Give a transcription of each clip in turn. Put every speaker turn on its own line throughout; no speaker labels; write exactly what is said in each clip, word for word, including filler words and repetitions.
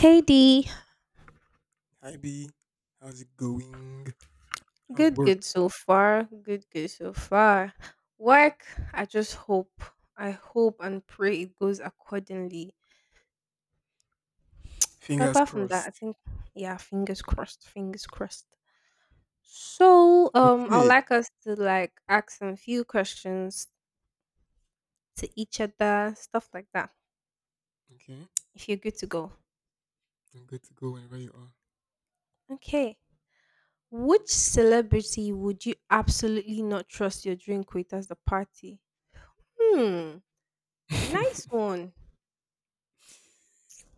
Hey D,
Hi B, how's it going? How's
good, good
work?
so far. Good, good so far. Work, I just hope, I hope and pray it goes accordingly. But
Fingers
apart from that, I
crossed.
think, yeah, fingers crossed, fingers crossed. So, um, I would
Okay.
like us to like ask some few questions to each other, stuff like that.
Okay.
If you're good to go,
I'm good to go whenever you are.
okay. Which celebrity would you absolutely not trust your drink with as the party? Hmm, nice one.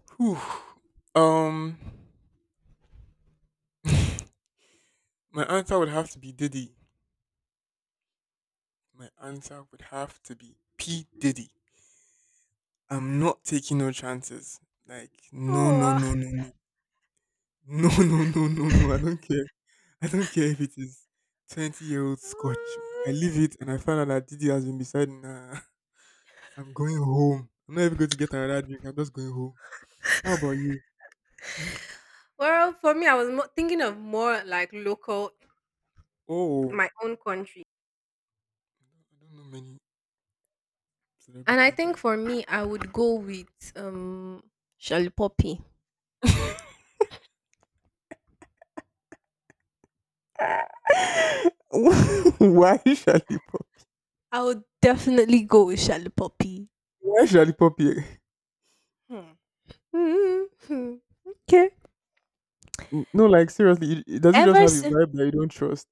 Whew. Um my answer would have to be Diddy. My answer would have to be P. Diddy. I'm not taking no chances. Like, no, no,
Oh,
no, no, no. No, no, no, no, no. I don't care. I don't care if it is twenty year old scotch. I leave it and I find out that Diddy has been beside me. Nah. I'm going home. I'm not even going to get another drink. I'm just going home. How about you?
well, for me, I was mo- thinking of more like local,
Oh, oh.
my own country.
I don't know many
And I
celebrities
think
by
for me, I would go with um Shalipopi.
why Lollipop?
I would definitely go with Shalipopi.
Why should I pop here?
Hmm. Hmm. Okay.
N- No, like, seriously, it- it- does it just
Ever
have a
since,
vibe that you don't trust?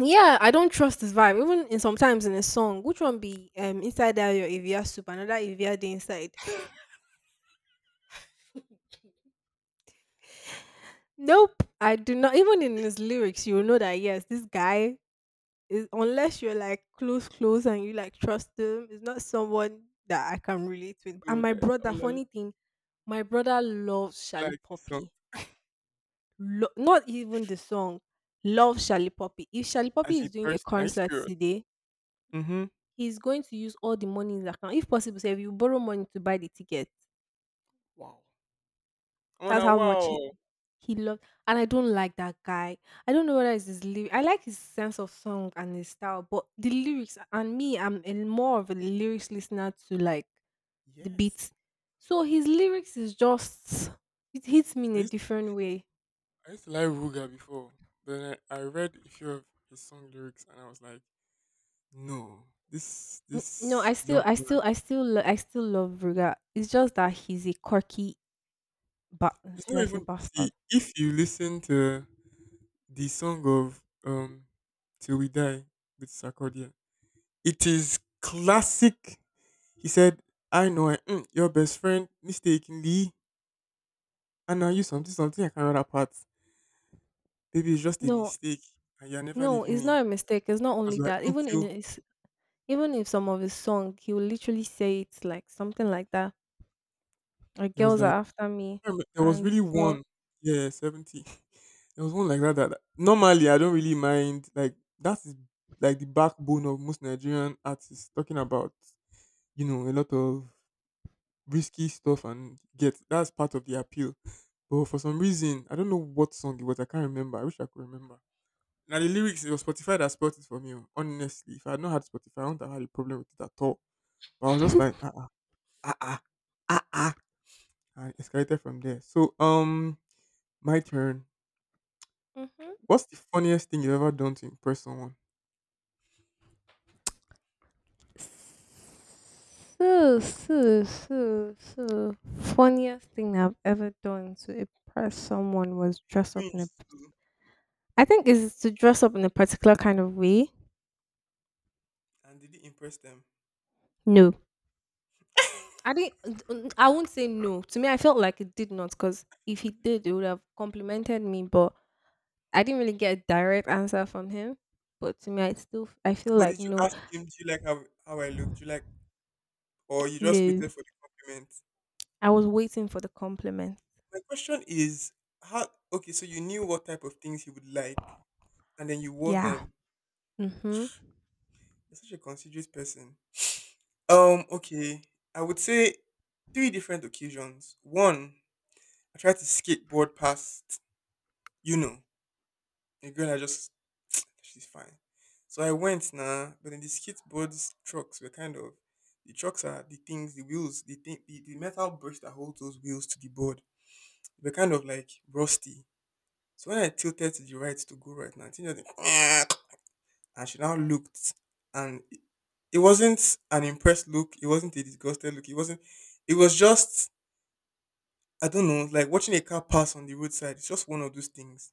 yeah, I don't trust his vibe. Even in sometimes in a song, which one be um inside that your Evia soup, another Evia the inside. Nope, I do not. Even in his lyrics, you will know that yes, this guy is unless you're like close, close, and you like trust them, it's not someone that I can relate with. And
God,
my
eh, I
brother,
would, like,
funny thing, my brother loves Shally
like his song
Poppy. Lo- not even the song, loves Shally Poppy. If Shally Poppy
as
is
a
doing a
person. Are you
concert
serious?
today,
Mm-hmm.
he's going to use all the money in his account. If possible, so if you borrow money to buy the ticket,
Wow. I
that's
wanna
how much
wow.
he loved, and I don't like that guy. I don't know whether it's his lyrics. I like his sense of song and his style, but the lyrics and me, I'm a, more of a lyrics listener to like the beats.
Yes.
So his lyrics is just it hits me in
I
a
used
different way.
I used to like Ruga before, but then I, I read a few of his song lyrics and I was like, no, this
N- No, I
this
still,
young
I
man.
still, I still, lo- I still love Ruga. It's just that he's a quirky, but
It's
should
not
I say
even, see
bastard?
if you listen to the song of um Till We Die with Sarkodia, it is classic. He said, I know I, mm, your best friend mistakenly and now you something something, I can't remember that part. Baby, it's just a
No,
mistake and you're never
no,
leaving
it's
me.
not a mistake. It's not only
Because we're
that. Even in
into
his, even if some of his song, he will literally say it's like something like that. Like
there was
girls are
like,
after me,
I remem- there was
and
really
some of,
one, yeah, seventy. There was one like that, that that- normally I don't really mind. Like, that is like the backbone of most Nigerian artists talking about, you know, a lot of risky stuff and get, that's part of the appeal. But for some reason, I don't know what song it was. I can't remember. I wish I could remember. Now the lyrics, it was Spotify that spoiled it for me. Oh. Honestly, if I had not had Spotify, I wouldn't have had a problem with it at all. But I was just like, ah, ah, ah, ah, ah, ah. And escalated from there. So, um, my turn.
mhm.
What's the funniest thing you've ever done to impress someone?
so so so so Funniest thing I've ever done to impress someone was dress up in a.
Cringe too,
I think is to dress up in a particular kind of way.
and did it impress them?
No, I didn't. I won't say no. To me, I felt like it did not because if he did, it would have complimented me, but. I didn't really get a direct answer from him, but to me, I still I feel
But
like
did you
no,
ask him, do you like how, how I look? Do you like, or you just
no.
waited for the compliment?
I was waiting for the compliment.
My question is, how, okay, so you knew what type of things he would like and then you wore
Yeah.
them.
Mhm.
You're such a considerate person. Um, okay, I would say three different occasions. One, I tried to skateboard past, you know, a girl I just, she's fine. So I went now, but then the skateboards trucks were kind of, the trucks are the things, the wheels, the thing, the, the metal brush that holds those wheels to the board, they were kind of like rusty. So when I tilted to the right to go right now, I think it was like, and she now looked, and it, it wasn't an impressed look, it wasn't a disgusted look, it wasn't, it was just, I don't know, like watching a car pass on the roadside. It's just one of those things.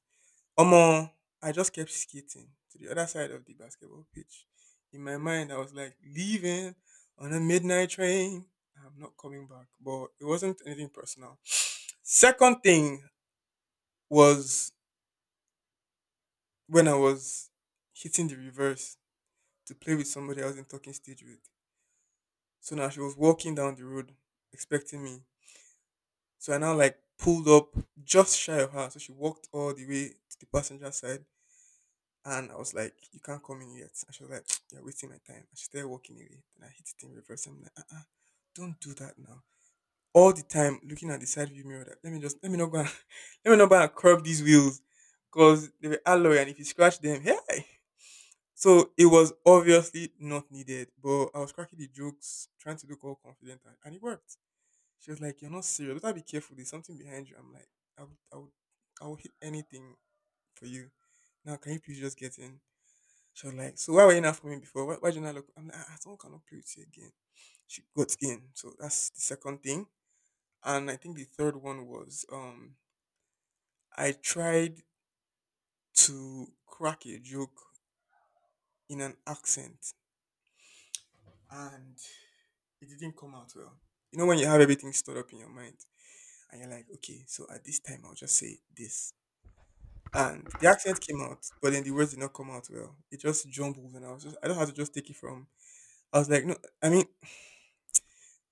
Omo, I just kept skating to the other side of the basketball pitch. In my mind, I was like, leaving on a midnight train. I'm not coming back. But it wasn't anything personal. Second thing was when I was hitting the reverse to play with somebody I was in talking stage with. So now she was walking down the road expecting me. So I now like pulled up just shy of her. So she walked all the way to the passenger side. And I was like, you can't come in yet. And she was like, you're wasting my time. And she started walking away. Then I hit it in reverse. I'm like, uh-uh, don't do that now. All the time looking at the side view mirror. That, let me just, let me not go and, let me not go and curb these wheels. Because they were alloy and if you scratch them, hey. So it was obviously not needed. But I was cracking the jokes, trying to look all confident. And, and it worked. She was like, you're not serious. Better be careful. There's something behind you. I'm like, I would, I would, I would hit anything for you. Now, can you please just get in? She was like, "So why were you not for me before? Why, why did you not look?" I'm like, "Ah, ah, someone cannot play with you again." She got in, so that's the second thing. And I think the third one was, um, I tried to crack a joke in an accent, and it didn't come out well. You know when you have everything stored up in your mind, and you're like, "Okay, so at this time I'll just say this." And the accent came out, but then the words did not come out well. It just jumbled, and I was just—I don't have to just take it from. I was like, no, I mean,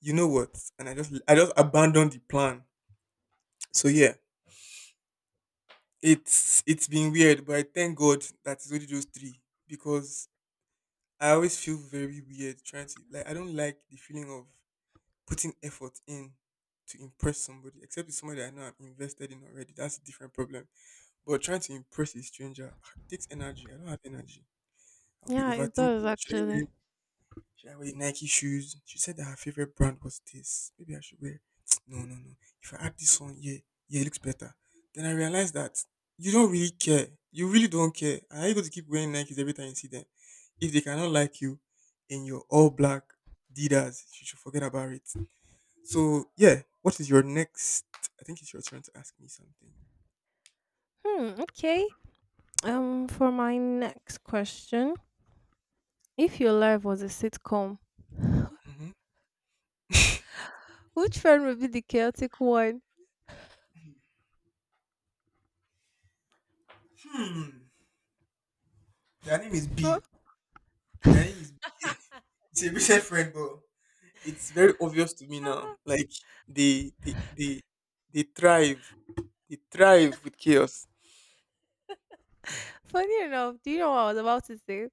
you know what? And I just I just abandoned the plan. So yeah, it's it's been weird, but I thank God that it's only those three because I always feel very weird trying to, like, I don't like the feeling of putting effort in to impress somebody, except it's somebody I know I'm invested in already. That's a different problem. But trying to impress a stranger, ah, it takes energy. I don't have energy. I'll be
Yeah, it
overthinking.
does
Should I wear
actually.
Should I wear Nike shoes? She said that her favorite brand was this. Maybe I should wear. No, no, no. If I add this one, yeah, yeah, it looks better. Then I realized that you don't really care. You really don't care. And are you going to keep wearing Nikes every time you see them? If they cannot like you in your all black Didas, you should forget about it. So, yeah, what is your next? I think it's your turn to ask me something.
Hmm. Okay. Um. For my next question, if your life was a sitcom,
Hmm.
which friend would be the chaotic one?
Hmm. Their name is B.
But
Their name is B. It's a recent friend, bro. It's very obvious to me now. Like, they they they they thrive. They thrive with chaos.
funny enough, do you know what I was about to say?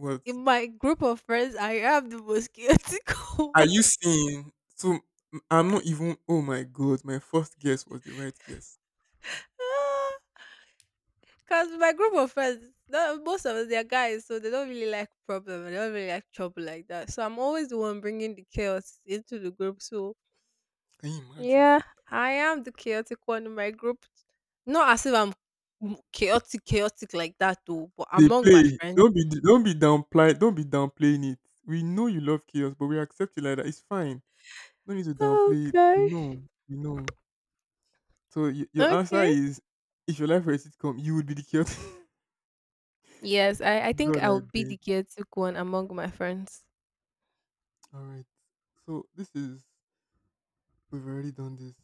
What
In my group of friends, I am the most chaotic
are
one.
you seeing? So, m- I'm not even. Oh my god! My first guess was the right guess.
Because my group of friends, no- most of us, they're guys, so they don't really like problem. They don't really like trouble like that. So I'm always the one bringing the chaos into the group. So
Can you imagine?
yeah, I am the chaotic one in my group. Not as if I'm m- chaotic, chaotic like that though, but
They
among my
play.
friends.
Don't be don't be downplay. Don't be downplaying it. We know you love chaos, but we accept it like that. It's fine. No need to downplay it. We
Okay.
know. We know. So, y- your answer
Okay.
is, if your life were a sitcom, you would be the chaotic.
Yes, I, I think
God,
I
I
would be the
beg.
chaotic one among my friends.
All right. So this is, we've already done this.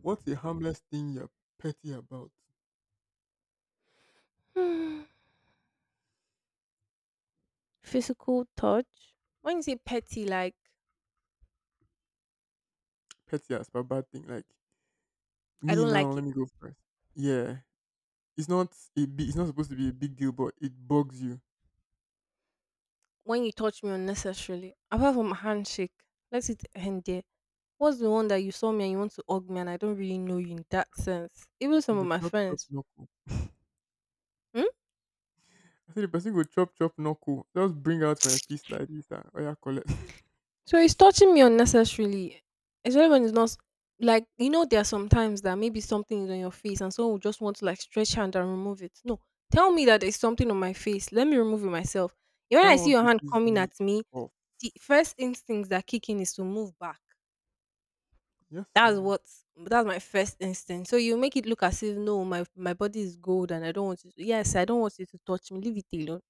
What's a harmless thing you're petty about?
Hmm. Physical touch. When you say petty, like
Petty as a bad thing. Like,
I
me
don't
now,
like it.
let me go first. Yeah. It's not a big, it's not supposed to be a big deal, but it bugs you.
When you touch me unnecessarily, apart from a handshake, let it end there. What's the one that you saw me and you want to hug me and I don't really know you in that sense? Even
You
some of
go
my
chop chop
friends.
knuckle.
Hmm?
I said the person go chop chop knuckle. Just bring out my fist like this. Ah, oh yeah, collect.
So it's touching me unnecessarily, especially when it's not s- like you know. There are some times that maybe something is on your face, and someone will just want to like stretch hand and remove it. No, tell me that there's something on my face. Let me remove it myself. When
That
I see
one
your hand
pisses
coming
me
at me,
off.
the first instincts that kick in is to move back.
Yes,
That's
no.
what that's my first instinct. So you make it look as if no, my my body is gold and I don't want you to yes, I don't want you to touch me. Leave it alone.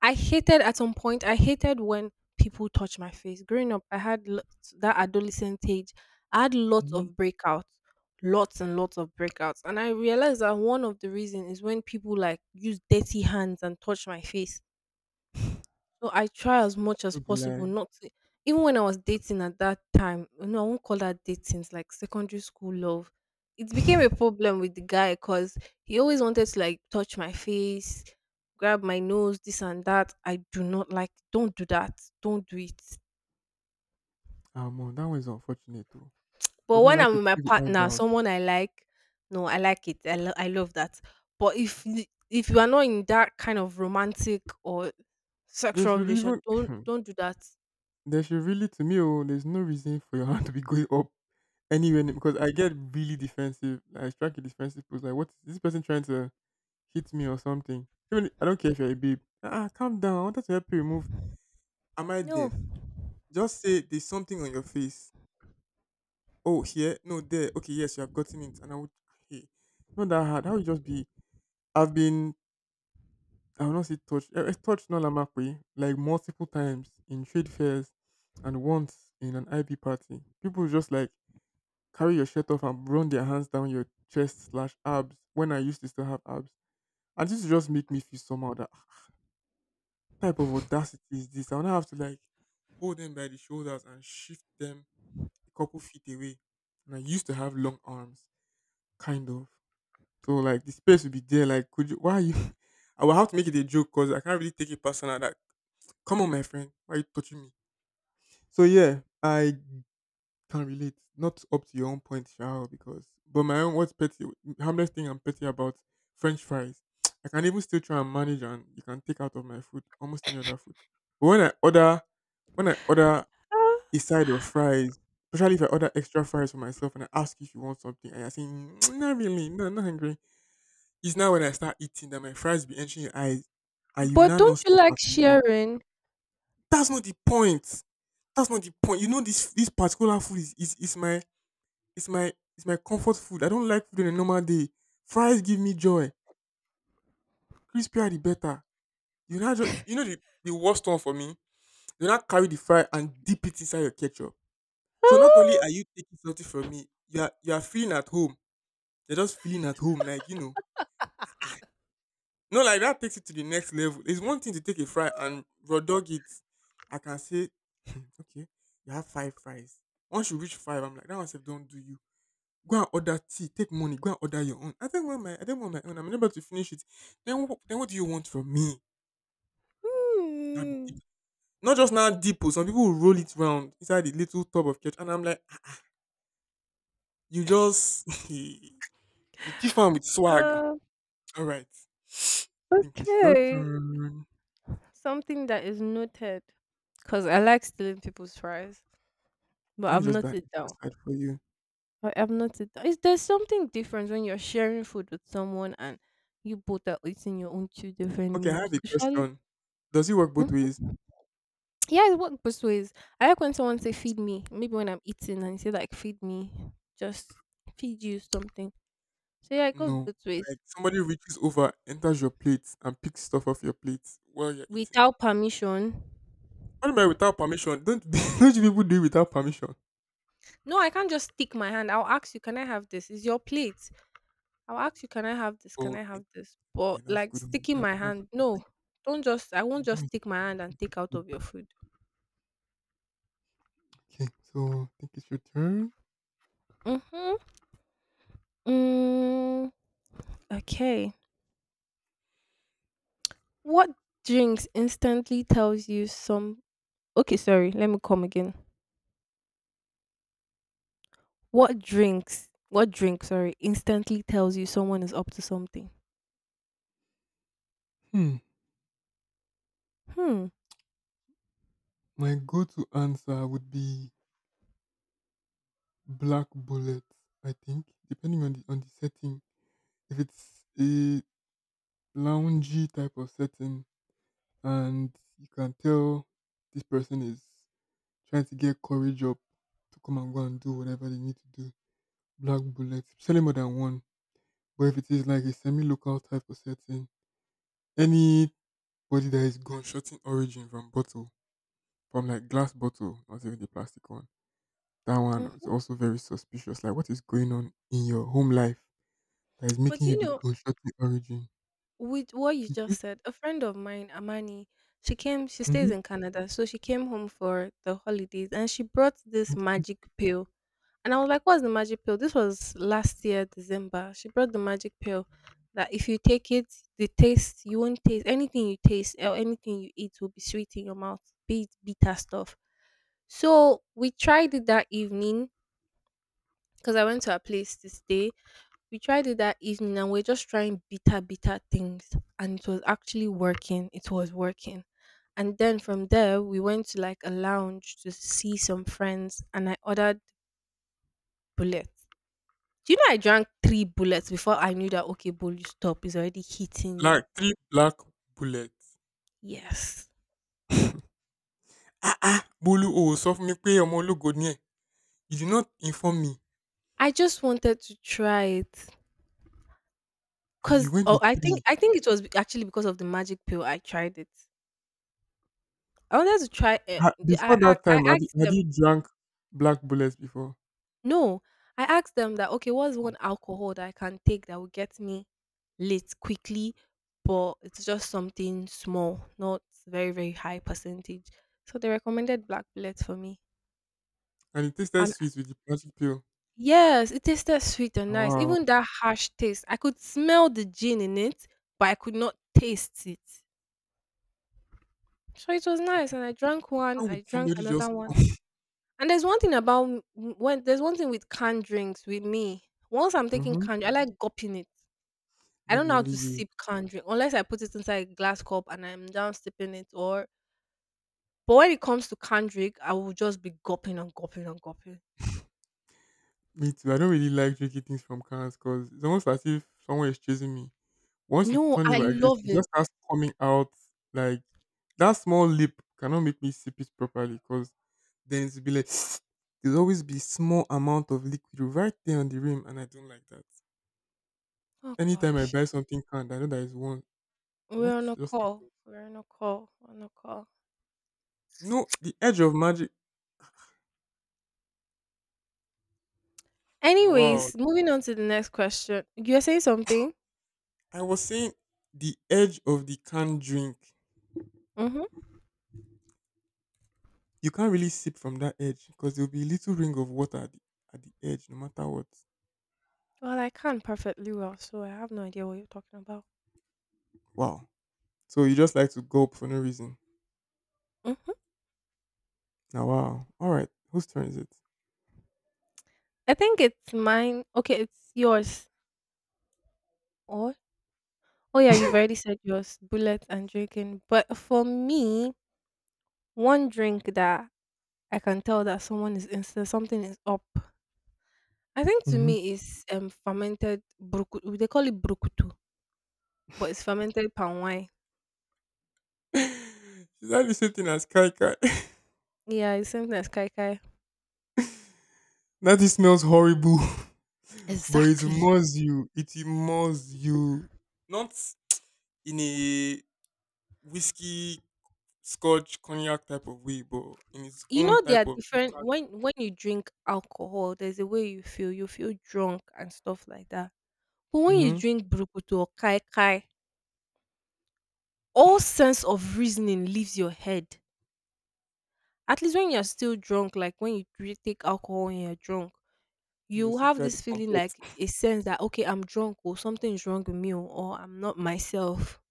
I hated at some point, I hated when people touch my face. Growing up, I had lots, that adolescent age, I had lots of
Hmm.
breakouts. Lots and lots of breakouts. And I realized that one of the reasons is when people like use dirty hands and touch my face. So I try as much as
Don't be
possible
like,
not to even when I was dating at that time, you know, I won't call that dating, it's like secondary school love. It became a problem with the guy because he always wanted to like touch my face, grab my nose, this and that. I do not like don't do that. Don't do it.
ah, man, that one is unfortunate too.
But
Cause me, I
when
like
I'm
to
with my
play the
partner,
eyebrows.
someone I like, no, I like it. I, lo- I love that. But if y- if you are not in that kind of romantic or
They
sexual
should
relation,
even.
don't don't do that.
There should really, to me, oh, there's no reason for your hand to be going up anywhere near- because I get really defensive. I strike a defensive pose like, what is this person trying to hit me or something? Even I don't care if you're a babe. Ah, calm down. I wanted to help you remove. Am I
No,
deaf? Just say there's something on your face. Oh, here, no, there. Okay, yes, you have gotten it. And I would, hey, not that hard. That would just be. I've been, I will not say touched. I touched Nolamakwe like multiple times in trade fairs and once in an I B party. People just like carry your shirt off and run their hands down your chest slash abs when I used to still have abs. And this would just make me feel somehow that "Ah, what type of audacity is this? I would have to like hold them by the shoulders and shift them a couple feet away. And I used to have long arms, kind of. So like the space would be there. Like, could you? Why are you? I will have to make it a joke because I can't really take it personal. That, come on, my friend, why are you touching me? So yeah, I can't relate. Not up to your own point, Shao, because but my own, what's petty, harmless thing I'm petty about, French fries. I can even still try and manage and you can take out of my food almost any other food. But when I order when I order a side of fries, especially if I order extra fries for myself and I ask you if you want something and you're saying, "Mm, not really, no, I'm not hungry." It's now when I start eating that my fries be entering your eyes and you
but
now
don't
not
you
stop
like
at one.
sharing?
That's not the point. That's not the point. You know this this particular food is is, is my, it's my it's my comfort food. I don't like food on a normal day. Fries give me joy. Crispy are the better. You know, ju- you know the, the worst one for me. You not carry the fry and dip it inside your ketchup. So not only are you taking something from me, you are you are feeling at home. You're just feeling at home, like you know. No, like that takes it to the next level. It's one thing to take a fry and raw dog it. I can say, okay, you have five fries. Once you reach five, I'm like, that one's don't do you. Go and order tea, take money, go and order your own. I don't want my I don't want my own. I'm unable to finish it. Then what then what do you want from me? That'd be
Hmm.
deep. Not just now deep. Oh, some people will roll it round inside the little tub of ketchup and I'm like, "Ah, you just you thief am with swag."
Uh,
All right. I think it's your
okay.
turn.
Something that is noted. Because I like stealing people's fries, but
Let
I've
me just back
noted
this
down.
side for you.
I have noted down. Is there something different when you're sharing food with someone and you both are eating your own two different
Okay, I have
meals?
a
Shall
question. Does it work both ways?
we? Yeah, it works both ways. I like when someone say feed me, maybe when I'm eating and say like feed me, just feed you something. So yeah, it goes
No.
both ways.
Like somebody reaches over, enters your plate, and picks stuff off your plate while you're eating.
Without permission.
Animal without permission. Don't don't you people do it without permission?
No, I can't just stick my hand. I'll ask you, can I have this? Is your plate? I'll ask you, can I have this? Can
Oh,
I
okay.
have this?
Yeah,
But
that's
like
good. um,
sticking
That's
my
that's
hand, no.
perfect.
Don't just I won't just
That's
stick my hand and
pretty
take out
good.
of your food.
Okay, so I think it's your turn.
Mm-hmm. Mm, okay. What drinks instantly tells you some okay, sorry, let me come again. What drinks? What drink? Sorry, instantly tells you someone is up to something.
Hmm.
Hmm.
My go-to answer would be black bullet. I think depending on the on the setting. If it's a loungy type of setting, and you can tell this person is trying to get courage up to come and go and do whatever they need to do. Black bullet, selling more than one. But if it is like a semi-local type of setting, anybody that is gunshotting origin from bottle, from like glass bottle, not even the plastic one, that one is
Hmm.
also very suspicious. Like, what is going on in your home life that is
But
making you
you
be
know,
gunshotting origin?
with what you
Hmm.
just said, a friend of mine, Amani, she came. She stays
Hmm.
in Canada, so she came home for the holidays, and she brought this
Okay.
magic pill. And I was like, what's the magic pill? This was last year, December. She brought the magic pill that if you take it, the taste, you won't taste anything you taste or anything you eat will be sweet in your mouth, be it bitter stuff. So we tried it that evening because I went to a place to stay. We tried it that evening and we're just trying bitter, bitter things. And it was actually working. It was working. And then from there, we went to like a lounge to see some friends and I ordered bullets. Do you know I drank three bullets before I knew that okay, bullet stop is already hitting you.
Black three black bullets.
Yes,
Ah ah, Bolu o sọ fún mi pé ọmọ ológo ni ẹ. You did not inform me
I just wanted to try it
that you
because
went
oh,
with
I think
three.
I think it was be- actually because of the magic pill I tried it. I wanted to try it.
Ha-
The- I
Before
asked,
that
I
time, had, you,
asked
had
them.
you drank black bullets before?
No, I asked them that okay, what's one alcohol that I can take that will get me lit quickly, but it's just something small, not very very high percentage. So they recommended black bullet for me.
And it tasted sweet with the plastic pill.
Yes, it tasted sweet and nice.
Wow.
Even that harsh taste, I could smell the gin in it, but I could not taste it. So it was
You
nice,
could,
and I drank one,
how
I
would
drank
somebody
another
just
one.
come?
And there's one thing about m- m- when there's one thing with canned drinks with me. Once I'm taking
Mm-hmm.
canned, I like gulping it. I
Not
don't know
be
how
only
to
you.
sip canned drink unless I put it inside a glass cup and I'm down sipping it. Or but when it comes to canned drink, I will just be gulping and gulping and gulping.
Me too. I don't really like drinking things from cans because it's almost as if someone is chasing me. Once you
No,
turn it
I
like this,
love
it
it.
just starts coming out like that small lip cannot make me sip it properly because then it'll be like there'll always be small amount of liquid right there on the rim and I don't like that.
Oh
Anytime I
gosh.
buy something canned, I know that is one.
We're
What
on a
just
call.
happened?
We're on a call. On a call.
No, the edge of magic. Now, wow,
Anyways, moving on to the next question. You're saying something?
I was saying the edge of the canned drink.
Mm-hmm.
You can't really sip from that edge because there'll be a little ring of water at the, at the edge, no matter what.
Well, I can perfectly well, so I have no idea what you're talking about.
Wow. So you just like to gulp for no reason.
Mm-hmm.
Now, wow. All right. Whose turn is it?
I think it's mine. Okay, it's yours. Or oh yeah, you've already said yours. Bullet and drinking. But for me, one drink that I can tell that someone is instant something is up. I think to
Mm-hmm.
me is um fermented brukutu. They call it brukutu, but it's fermented palm wine.
Is that the same thing as Kai Kai?
Yeah, it's same thing as kai kai.
That it smells horrible, but it
Exactly.
must you. It must you. Not in a whiskey, scotch, cognac type of way, but in its
You
own
know there are
type of.
different when when you drink alcohol, there's a way you feel. You feel drunk and stuff like that. But when you
Mm-hmm.
drink brukutu or kai kai, all sense of reasoning leaves your head. At least when you're still drunk, like when you dri- take alcohol and you're drunk,
You
you
still
have
try the
this feeling
comfort.
like a sense that okay, I'm drunk or something is wrong with me or, or I'm not myself.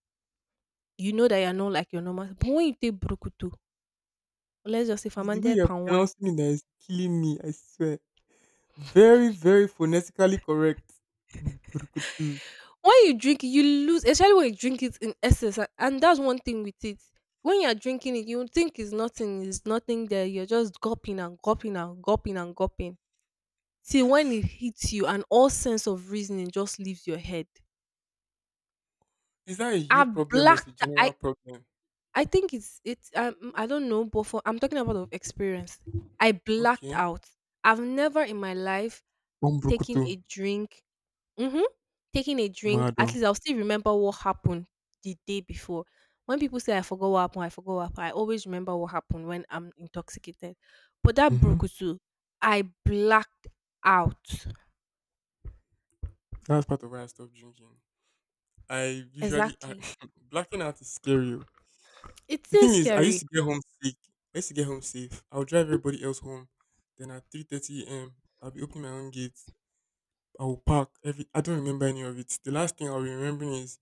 You know that you're not like your normal. But when you take brukutu, or let's just say
It's the way
fermented
you're
palm wine.
pronouncing it that is killing me, I swear. Very, very phonetically correct. Mburukutu.
When you drink it, you lose, especially when you drink it in excess a and that's one thing with it. When you're drinking it, you think it's nothing, it's nothing there, you're just gulping and gulping and gulping and gulping. See, when it hits you, and all sense of reasoning just leaves your head.
Is that a
i
you problem or is it a
blacked I
general problem?
I think it's it's, um, I don't know, but for I'm talking about of experience. I blacked
Okay.
out. I've never in my life taken
Mburukutu.
a drink. Mhm. Taking a drink, at
Mado.
least I'll still remember what happened the day before. When people say I forgot what happened, I forgot what happened, I always remember what happened when I'm intoxicated. But that
Mm-hmm.
Brokutu, I blacked out.
That's part of why I stopped drinking. I usually, I,
Exactly.
blacking out is scary. Oh.
It
The
is
thing is, I used
scary.
to get home sick. I used to get home safe. I'll drive everybody else home. Then at three thirty a m, I'll be opening my own gate. I will pack every. I don't remember any of it. The last thing I'll be remembering is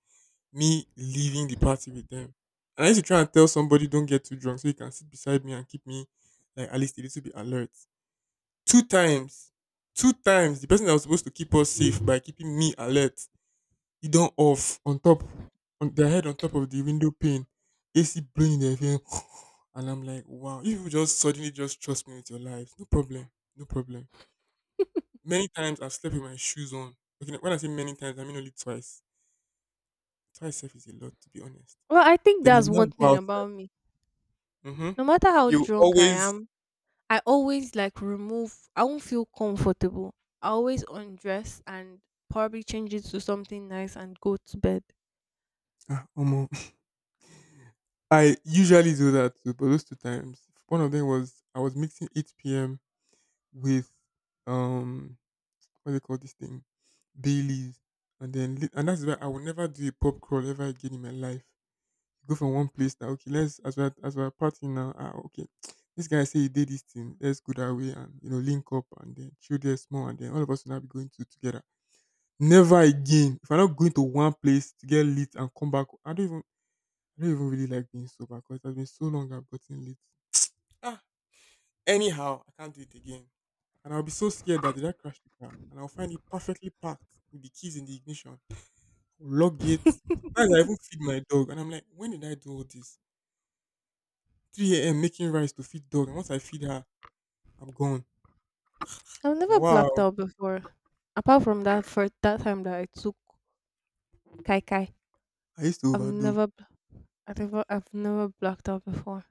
me leaving the party with them. And I used to try and tell somebody don't get too drunk so you can sit beside me and keep me like at least a little bit alert. Two times, two times the person that was supposed to keep us safe by keeping me alert, he done off on top on their head on top of the window pane, A C blowing in their face, and I'm like, wow, you people just suddenly just trust me with your lives, no problem, no problem. Many times I've slept with my shoes on. Okay, when I say many times, I mean only twice. Twice sef is a lot, to be honest.
Well, I think
Then I'll
that's one
now go
thing
outside.
about me.
Hmm.
No matter how
You
drunk I
always.
am, I always like remove I won't feel comfortable. I always undress and probably change it to something nice and go to bed.
Ah, omo. I usually do that too, but those two times, one of them was I was mixing eight p m with um, what do they call this thing, Bailey's, and then lit- and that's why I will never do a pop crawl ever again in my life. Go from one place now. Okay, let's as we're as we're partying now. Ah, okay. This guy say he did this thing. Let's go that way and you know link up and then chill there small and then all of us will now be going to together. Never again. If I'm not going to one place to get lit and come back, I don't even I don't even really like being sober because it has been so long I've gotten lit. Ah, anyhow, I can't do it again. And I'll be so scared that did I crash the car and I'll find it perfectly packed with the keys in the ignition. I'll lock it. Sometimes I even feed my dog and I'm like, when did I do all this? three a m making rice to feed dog, and once I feed her, I'm gone.
I've
And
never
wow,
blacked out before. Apart from that for that time that I took Kai Kai.
I used to
I've
overdo.
never bl- I never I've never blacked out before.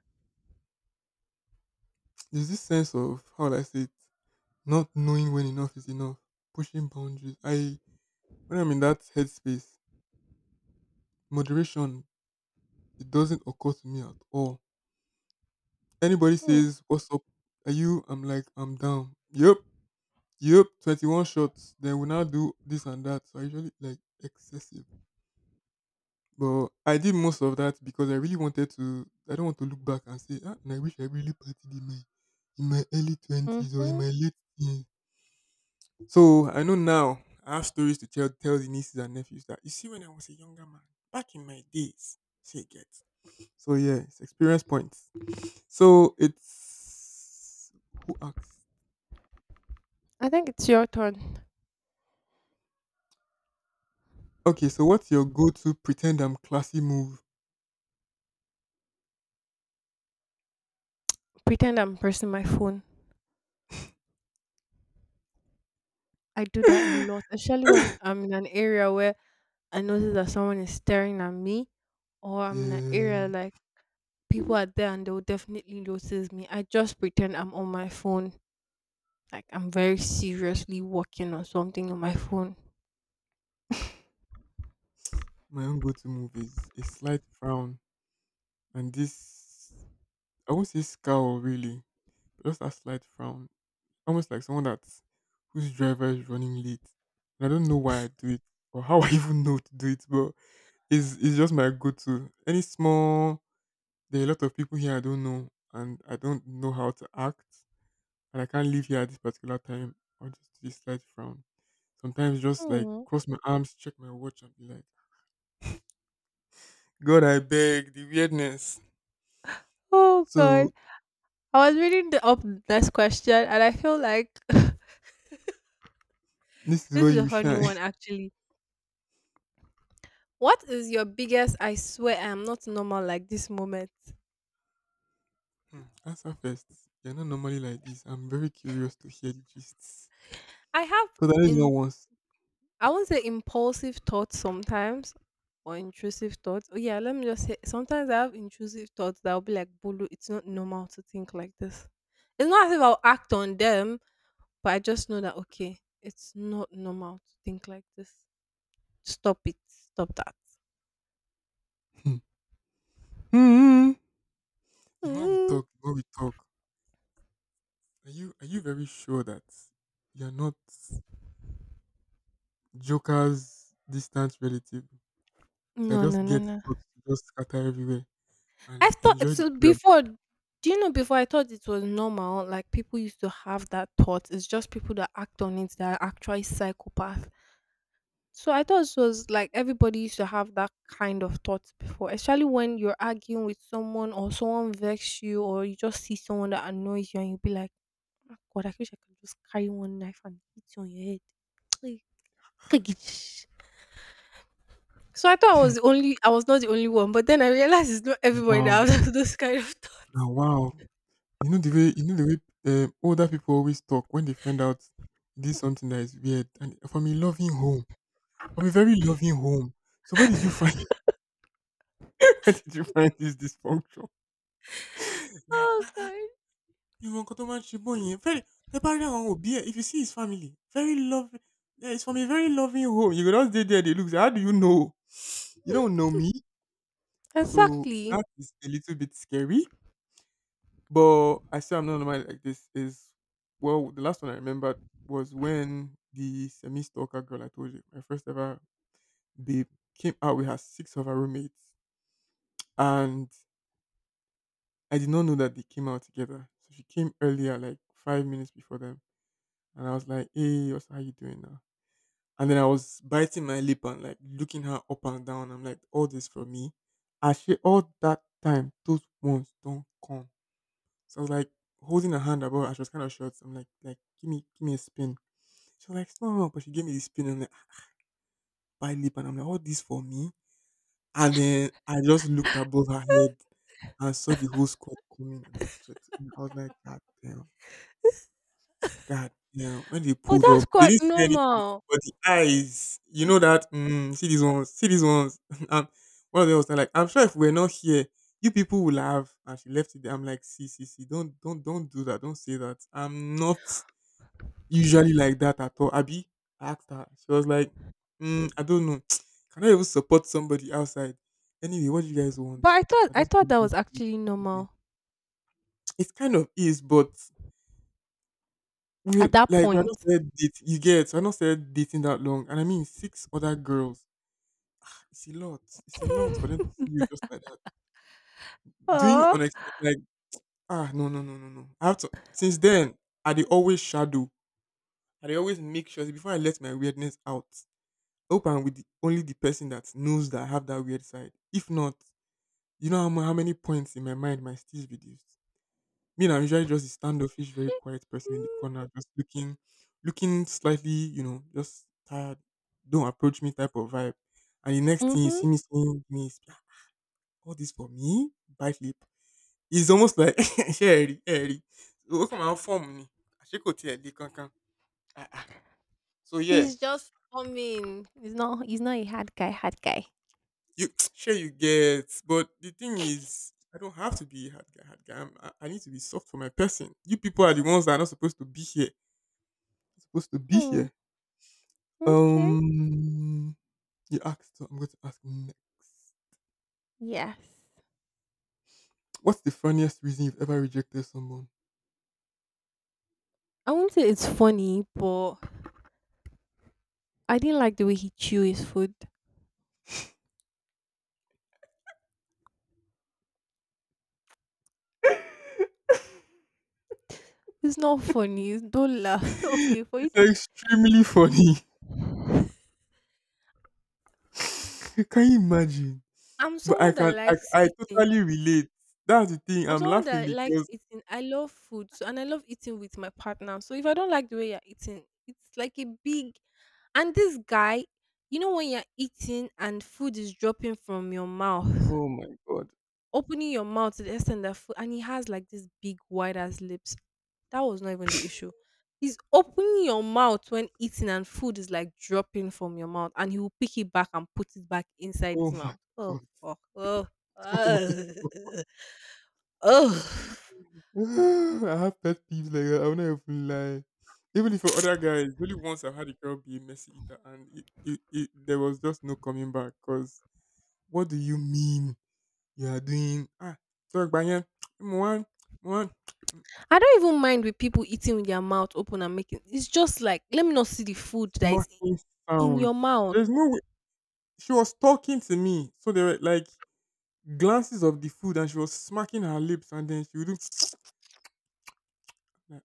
There's this sense of how will I say it, not knowing when enough is enough, pushing boundaries. I When I'm in that headspace, moderation it doesn't occur to me at all. Anybody
Hmm.
says, "What's up? Are you?" I'm like, "I'm down." Yep, yep. twenty-one shots. Then we now do this and that. So I usually like excessive. But I did most of that because I really wanted to. I don't want to look back and say, ah, and I wish I really partied in my in my early twenties or in
Mm-hmm.
my late teens. So I know now. I have stories to tell tell the nieces and nephews that you see when I was a younger man back in my days. Say get. So yeah, it's experience points. So it's who asks?
I think it's your turn.
Okay, so what's your go-to pretend I'm classy move?
Pretend I'm pressing my phone. I do that a lot, especially when I'm in an area where I notice that someone is staring at me, or I'm in an area
Yeah.
like people are there and they'll definitely notice me. I just pretend I'm on my phone, like I'm very seriously working on something on my phone.
My own go-to move is a slight frown, and this I won't say scowl really, just that slight frown, almost like someone that's whose driver is running late. And I don't know why I do it or how I even know to do it, but it's it's just my go-to. Any small, there are a lot of people here I don't know, and I don't know how to act, and I can't leave here at this particular time. I'll just do this slight frown. Sometimes just like
Hmm.
cross my arms, check my watch, and be like, "God, I beg the weirdness."
Oh
So
god. I was reading the, up this question and I feel like
this is
this
where
is a
you
funny
shine.
one actually. What is your biggest "I swear I am not normal like this" moment?
Mm, answer first. You're not normally like this. I'm very curious to hear the gists.
I have
Because that is not
in
once.
I won't say impulsive thoughts sometimes, or intrusive thoughts. Oh yeah, let me just say sometimes I have intrusive thoughts that will be like, Bulu, it's not normal to think like this. It's not as if I'll act on them, but I just know that okay, it's not normal to think like this. Stop it. Stop that.
Hmm. Hmm. The more we
Mm.
talk, the more we talk. Are you are you very sure that you're not Joker's distant relative that
No, no,
just
no,
gets
no.
thoughts to just scatter everywhere
I
and
thought
enjoy the
so
chaos?
before. Do you know, before I thought it was normal, like people used to have that thought. It's just people that act on it that are actually psychopath. So I thought it was like everybody used to have that kind of thoughts before, especially when you're arguing with someone or someone vex you or you just see someone that annoys you, and you'll be like, "Ah, God, I wish I could just carry one knife and hit you on your head. Like, kagish." So I thought I was the only I was not the only one, but then I realized it's not everybody
Wow.
that has those kind of thoughts.
Now wow. You know the way you know the way um, older people always talk when they find out this something that is weird. And from a loving home, from a very loving home. So where did you find where did you find this dysfunctional? It's like,
Oh
"Ah,
god.
you want to man Shiboney." Very the barrier on be here. If you see his family. Very loving. Yeah, it's from a very loving home. You can just stay there, they look. How do you know? You don't know me. So
Exactly.
that is a little bit scary. But I say I'm not normal like this is well, the last one I remembered was when the semi stalker girl I told you, my first ever babe, came out with her six of her roommates. And I did not know that they came out together. So she came earlier, like five minutes before them. And I was like, "Hey, what's how you doing now?" And then I was biting my lip and like looking her up and down. I'm like, "All this from me." And she all that time, those ones don't come. So I was like holding her hand above and she was kind of short. So I'm like, like, give me, give me a spin. She was like, "No, no," but she gave me the spin and like, by lip. And I'm like, "All this for me." And then I just looked above her head and saw the whole squad coming and I sweat. And I was like, "God damn. God damn," when they
Oh,
pulled
that's
up, they
quite
didn't say anything,
normal.
but the eyes, you
Mm.
know that, mm, see these ones, see these ones. And one of them was like, like, "I'm sure if we're not here, you people will have." And she left it there. I'm like, "See, see, see, don't, don't, don't do that. Don't say that. I'm not usually like that at all." Abby, I asked her. She was like, "Mm, I don't know." Can I even support somebody outside? Anyway, what do you guys
But
want?
I thought
I
I
just,
thought that was actually normal
it kind of is, but
at
we
that
like we're not
point.
said date you get, we're not said dating that long. And I mean six other girls. It's a lot. It's a lot for them to see you just like that. Doing
Oh.
unexpected like, "Ah, no, no, no, no, no." I have to since then I they always shadow. I they always make sure before I let my weirdness out. Open with the, only the person that knows that I have that weird side. If not, you know how, mu- how many points in my mind my still reduced. Me, nah, I'm usually just a standoffish, very quiet person in the corner, just looking, looking slightly, you know, just tired, don't approach me type of vibe. And the next thing you
Mm-hmm.
see me saying, me, is, "Ah, all this for me, buy flip." It's almost like, "Sherry, Sherry, look at my form, me. Ashiko tiẹ̀ le kankan. Ah, ah." So yeah,
He's just coming. He's not. He's not a hard guy. Hard guy.
you sure you get, but the thing is, I don't have to be hard guy, hard guy. I'm, I, I need to be soft for my person. You people are the ones that are not supposed to be here. Supposed to be
Oh,
here.
okay.
Um, you asked, so I'm going to ask next.
Yes.
What's the funniest reason you've ever rejected someone?
I won't say it's funny, but I didn't like the way he chew his food. It's not funny. It's- Don't laugh. Okay, for you
It's
to.
extremely funny. Can you imagine?
I'm
But I
someone that
can, I,
likes
I
eating.
totally relate. That's the thing.
I'm
I'm
someone
laughing
that likes
because,
eating. I love food, so, and I love eating with my partner. So if I don't like the way you're eating, it's like a big. And this guy, you know, when you're eating and food is dropping from your mouth,
oh my god,
opening your mouth to the extent that food, and he has like this big, wide ass lips. That was not even the issue. He's opening your mouth when eating and food is like dropping from your mouth, and he will pick it back and put it back inside
oh
his
my
mouth. Oh
god,
fuck! Oh.
oh my
Oh. Oh.
god. I have pet peeves like that. I will not even lie. Even if for other guys, really once I had a girl be a messy eater, and it, it, it, there was just no coming back. Cause what do you mean? You are doing ah, talk by yẹn. Mo wá mo
I don't even mind with people eating with their mouth open and making, it's just like, let me not see the food that is
smacking
in
sounds.
your mouth.
There's no way. She was talking to me. So there were like glances of the food and she was smacking her lips and then she would do like,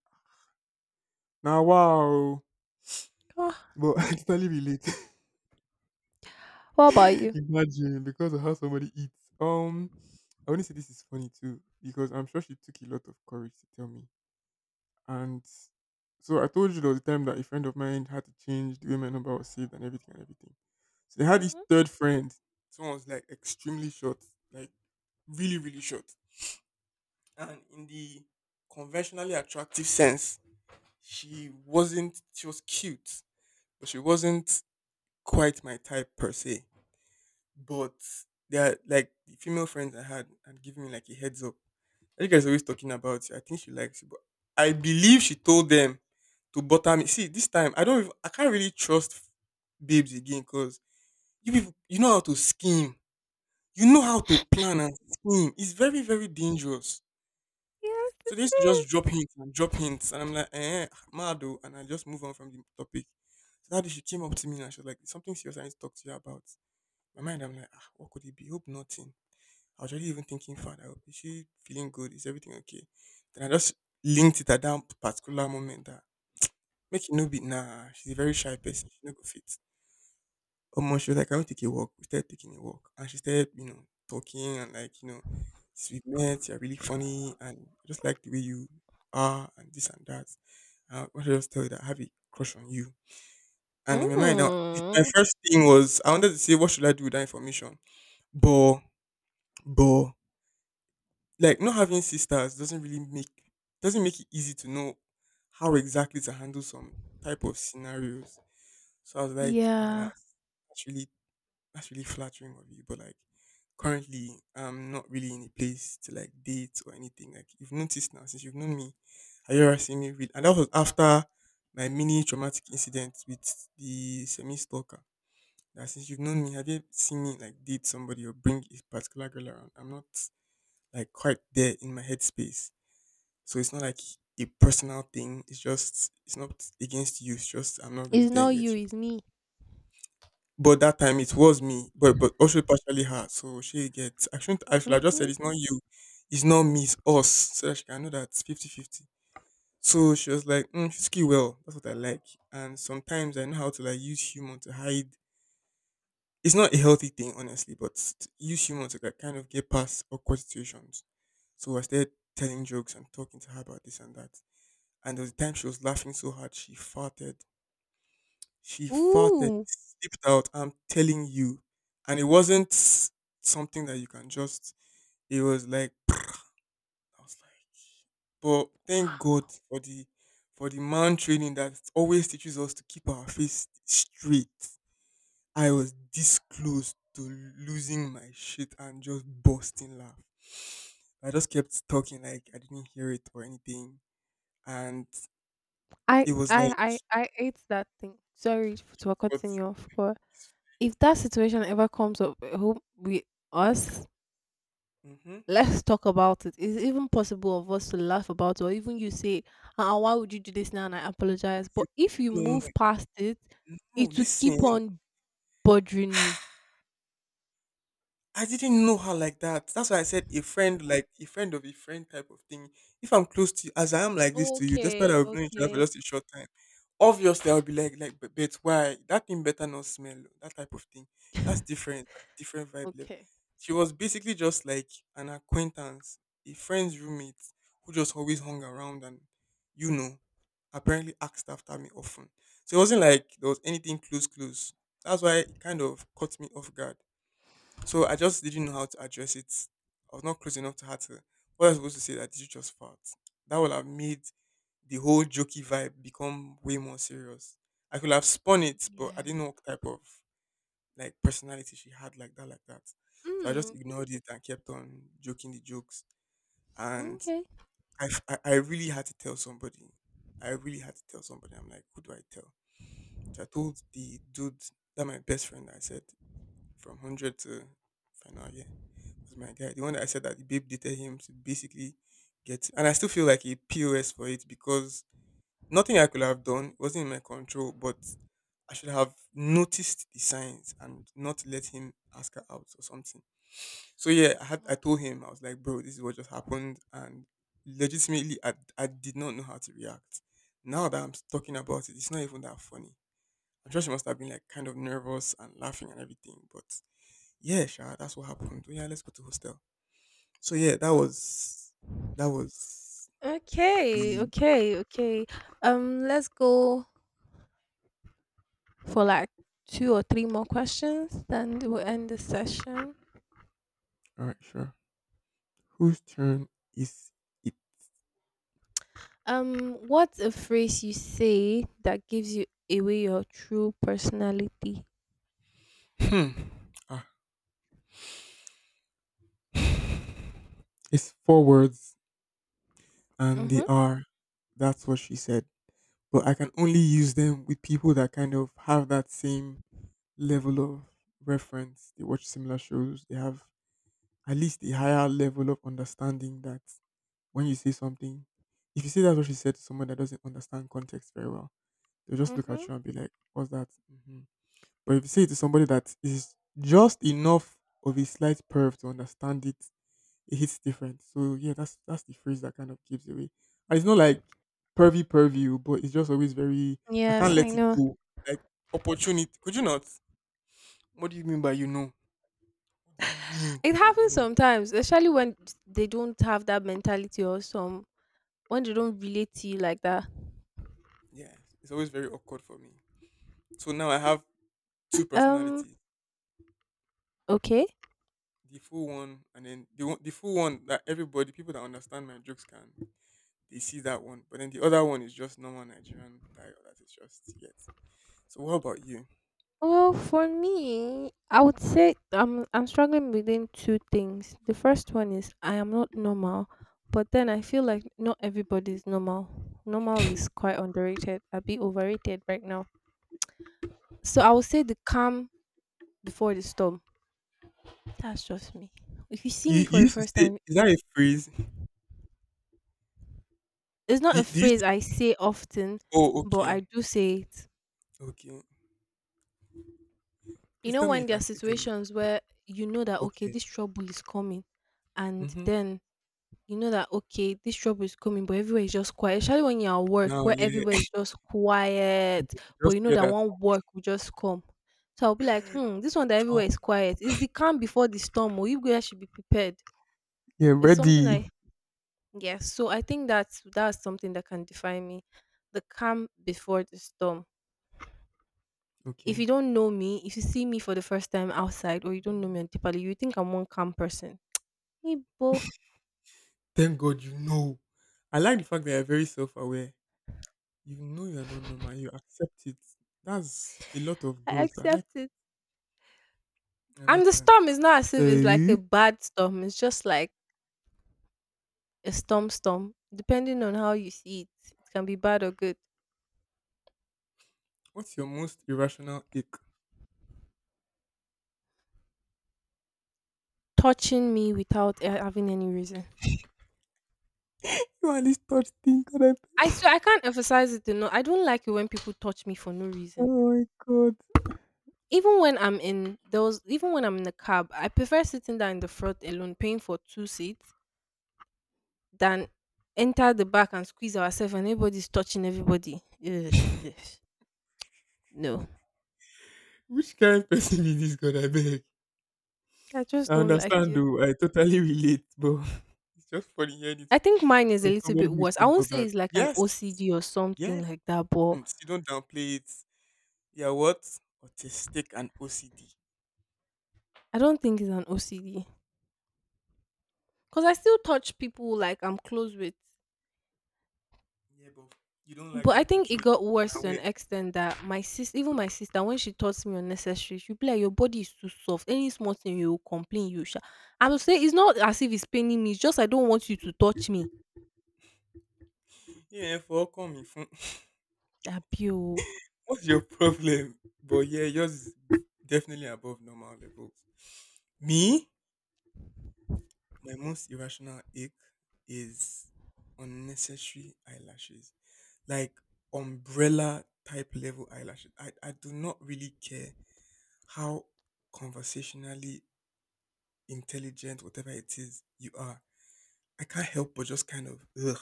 now wow.
Ah,
But I totally relate.
what about you?
Imagine because of how somebody eats. Um I only say this is funny too, because I'm sure she took a lot of courage to tell me. And so I told you there was a time that a friend of mine had to change the way my number was saved and everything and everything. So they had this
Mm-hmm.
third friend. Someone was like extremely short, like really, really short. And in the conventionally attractive sense, she wasn't, she was cute, but she wasn't quite my type per se. But they are like the female friends I had had given me like a heads up. You guys always talking about it. I think she likes it, but I believe she told them to butter me. See, this time I don't. Even, I can't really trust babes again because you people, you know how to scheme. You know how to plan and scheme. It's very very dangerous.
Yes.
So they used to just drop hints and drop hints, and I'm like, "Eh, mad oh," and I just move on from the topic. So that day she came up to me and she was like, "Something serious I need to talk to you about." My mind, I'm like, "Ah, what could it be? Hope nothing." I was already even thinking, "Father, is she feeling good? Is everything okay?" Then I just linked it at that particular moment that make it no be nah, she's a very shy person, she no go fit. Almost she was like, "I want to take a walk." We started taking a walk. And she started, you know, talking and like, you know, sweet met, "You're really funny and I just like the way you are and this and that. Uh, I want to just tell you that I have a crush on you." And in my mind, now, it- my
Mm.
first thing was I wanted to say, "What should I do with that information?" But, but like not having sisters doesn't really make doesn't make it easy to know how exactly to handle some type of scenarios. So I was like, "Oh,
Yeah.
that's that's really that's really flattering of you. But like currently I'm not really in a place to like date or anything. Like you've noticed now since you've known me, have you ever seen me real," and that was after my mini traumatic incident with the semi stalker. "That since you've known me, have you seen me like date somebody or bring a particular girl around? I'm not like quite there in my headspace. So it's not like a personal thing. It's just it's not against you. It's just I'm not really
It's
there
not
yet."
you, it's me.
But that time it was me, but but also partially her. So she gets. I shouldn't. I should have just
Mm-hmm.
said it's not you, it's not me, it's us. So that she can know that fifty fifty. So she was like, "Mm, she's ski well. That's what I like." And sometimes I know how to like use humor to hide it's not a healthy thing, honestly, but t- use humor to like kind of get past awkward situations. So I started telling jokes and talking to her about this and that. And there was a time she was laughing so hard she farted. She farted,
Ooh.
slipped out. I'm telling you, and it wasn't something that you can just. It was like I was like, but thank God for the for the man training that always teaches us to keep our face straight. I was this close to losing my shit and just busting laugh. I just kept talking like I didn't hear it or anything, and
I,
it was
I
like,
I I ate that thing. Sorry f- to
"What?
continue off, but if that situation ever comes up at home with us,
Mm-hmm.
let's talk about it. Is it even possible of us to laugh about it, or even you say, uh, why would you do this now? And I apologize. But
You,
if you
no, no,
move past it,
no,
it will keep
listen."
on bothering me.
I didn't know her like that. That's why I said a friend, like a friend of a friend type of thing. If I'm close to you, as I am like this to you, despite
Okay,
I've known each other for
okay.
just a short time, obviously I'll be like, like, but, but why? That thing better not smell. Oh," That type of thing. That's different. That's a different vibe level.
Okay.
She was basically just like an acquaintance, a friend's roommate who just always hung around and, you know, apparently asked after me often. So it wasn't like there was anything close, close. That's why it kind of caught me off guard. So I just didn't know how to address it. I was not close enough to her to. What I was supposed to say that did you just fart? That would have made the whole jokey vibe become way more serious. I could have spun it, but I
Yeah.
didn't know what type of like personality she had like that, like that. So I just
Mm,
ignored it and kept on joking the jokes. And
okay.
I, f- I, I really had to tell somebody. I really had to tell somebody. I'm like, who do I tell? So I told the dude that my best friend. I said from hundred to final, yeah was my guy. The one that I said that the babe dated him to basically get, and I still feel like a P O S for it because nothing I could have done it wasn't in my control, but I should have noticed the signs and not let him ask her out or something. So yeah, I had I
Wow.
told him I was like, "Bro, this is what just happened," and legitimately, I I did not know how to react. Now that I'm talking about it, it's not even that funny. I'm sure she must have been like kind of nervous and laughing and everything, but yeah, sure, that's what happened. Oh, yeah, let's go to hostel. So yeah, that
Mm.
was that was
Okay,
the
okay, okay. Um, let's go for like two or three more questions, then we'll end the session.
all right, sure. Whose turn is it?
Um, what's a phrase you say that gives you away your true personality?
Hmm. Ah, it's four words and they
Mm-hmm.
are that's what she said. But I can only use them with people that kind of have that same level of reference. They watch similar shows. They have at least a higher level of understanding that when you say something, if you say that's what she said to someone that doesn't understand context very well, they'll just look
Mm-hmm.
at you and be like, what's that? Mhm. But if you say it to somebody that is just enough of a slight perv to understand it, it hits different. So yeah, that's that's the phrase that kind of gives away. And it's not like pervy pervy, but it's just always very I can't
Yes, I
let it
know.
go. Like opportunity. Could you not? What do you mean by you know? What do you mean
It
by you
happens
know?
sometimes, especially when they don't have that mentality, or some, when they don't relate to you like that.
Yeah. It's always very awkward for me. So now I have two
Um,
personalities.
okay.
The full one and then the one- the full one that everybody, people that understand my jokes can they see that one. But then the other one is just normal Nigerian dialect that is just yet. So what about you?
Well, for me, I would say I'm I'm struggling within two things. The first one is, I am not normal, but then I feel like not everybody is normal. Normal is quite underrated. A bit overrated right now. So I would say the calm before the storm. That's just me. If you see
You,
me for
you
the
used to
first
say
time,
is that a phrase?
it's not
Do,
a
do you
phrase
s-
I say often,
oh,
but I
okay.
do say it.
Okay.
You
Please
know,
tell me you
when there are
can still hear me.
situations where you know that okay,
Okay.
this trouble is coming, and
Mm-hmm.
then you know that okay, this trouble is coming, but everywhere is just quiet. Especially when you're at work,
Now
where everywhere
yeah.
is just quiet, but
Just
you know
hear
that
that.
one work will just come. So I'll be like, hmm, this one that
Um,
everywhere is quiet. It's the calm before the storm. Or, you guys should be prepared.
yeah,
It's something
ready.
I, yeah. So I think that's that's something that can define me. The calm before the storm. If you
Okay.
don't know me, if you see me for the first time outside, or you don't know me on Tipali, you think I'm one calm person. Ibo,
Thank God you know. I like the fact that you're very self aware. You know you're not normal, you accept it. That's a lot of
I
growth. I
accept
like
it.
I
And
like
the
that.
storm is not as if it's like a
So
bad storm. It's just like a storm storm. Depending on how you see it, it can be bad or good.
what's your most irrational ick?
Touching me without a- having any reason.
You at least touch thing, God, I
I
beg.
swear I can't emphasize it enough. I don't like it when people touch me for no
Oh
reason.
my God.
Even when I'm in those, even when I'm in the cab, I prefer sitting down in the front alone, paying for two seats, than enter the back and squeeze ourselves and everybody's touching everybody. Ugh, ugh. No,
Which kind of person is this, God, I beg?
I just
I
don't like
understand,
it.
though. I totally relate, but it's just funny hearing it
I think mine is a
from
little
somebody
bit
who's
worse.
so
I won't say
bothered.
it's like an
Yes.
O C D or something
Yes.
like that, but
Mm, so you don't downplay it. Yeah, what? Autistic and O C D.
I don't think it's an O C D, because I still touch people like I'm close with.
Yeah, but you don't like
But I
them
think
touching
it
you
got worse to an
unaware.
extent that my sis, even my sister, when she taught me unnecessary, she'd be like, "Your body is too soft. Any small thing you will complain, you shall." I would say it's not as if it's paining me. It's just I don't want you to touch me.
Yeah, yeah, for coming from.
Abio.
What's your problem? But yeah, yours is definitely above normal levels. Me? My most irrational ache is unnecessary eyelashes, like umbrella type level eyelashes. I, I do not really care how conversationally intelligent, whatever it is, you are. I can't help but just kind of, ugh,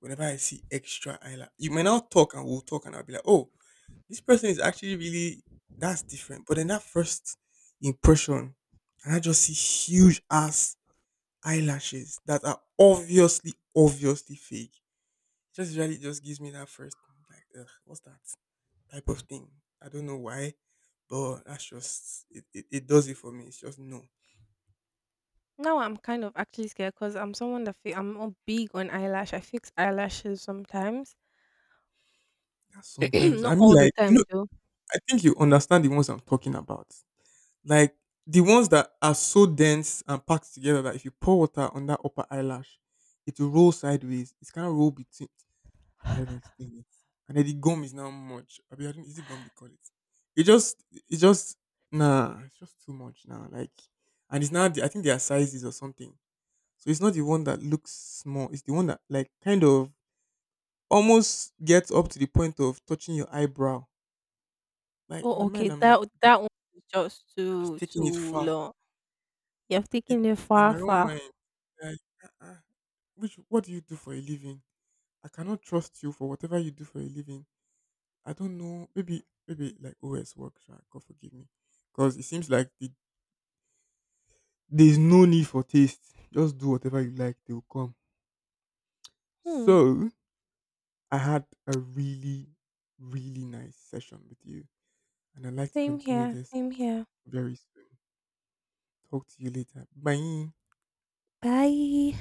whenever I see extra eyelash. You may now talk and we'll talk and I'll be like, oh, this person is actually really, that's different. But then that first impression, and I just see huge ass eyelashes that are obviously, obviously fake. Just usually just gives me that first like, ugh, what's that type of thing? I don't know why, but that's just it, it. It does it for me. It's just no.
Now I'm kind of actually scared because I'm someone that fe- I'm not big on eyelash. I fix eyelashes sometimes,
That's sometimes
not
I mean,
all the
like you
time
know,
though.
I think you understand the ones I'm talking about. Like the ones that are so dense and packed together that if you pour water on that upper eyelash, it will roll sideways. It's kind of roll between how do I even explain it? And then the gum is now much. I mean, I don't, is it gum they call it? It just, it just, nah, it's just too much now. Like, and it's now, the, I think their sizes or something. So it's not the one that looks small. It's the one that, like, kind of almost gets up to the point of touching your eyebrow. Like,
Oh,
in my
okay.
mind, I'm
That
like,
o-
"Bro,
that one is just
I was
too
taking it
too
far.
long. You have taken it
It's in
far,
my own
far.
mind. Like, uh-uh. Which, what do you do for a living? I cannot trust you for whatever you do for a living. I don't know. Maybe maybe like O S work, sha, God forgive me, because it seems like the, there's no need for taste. Just do whatever you like; they will come.
Hmm.
So I had a really really nice session with you, and I'd like to
Same
continue
here.
this
Same here.
very soon. Talk to you later. Bye.
Bye.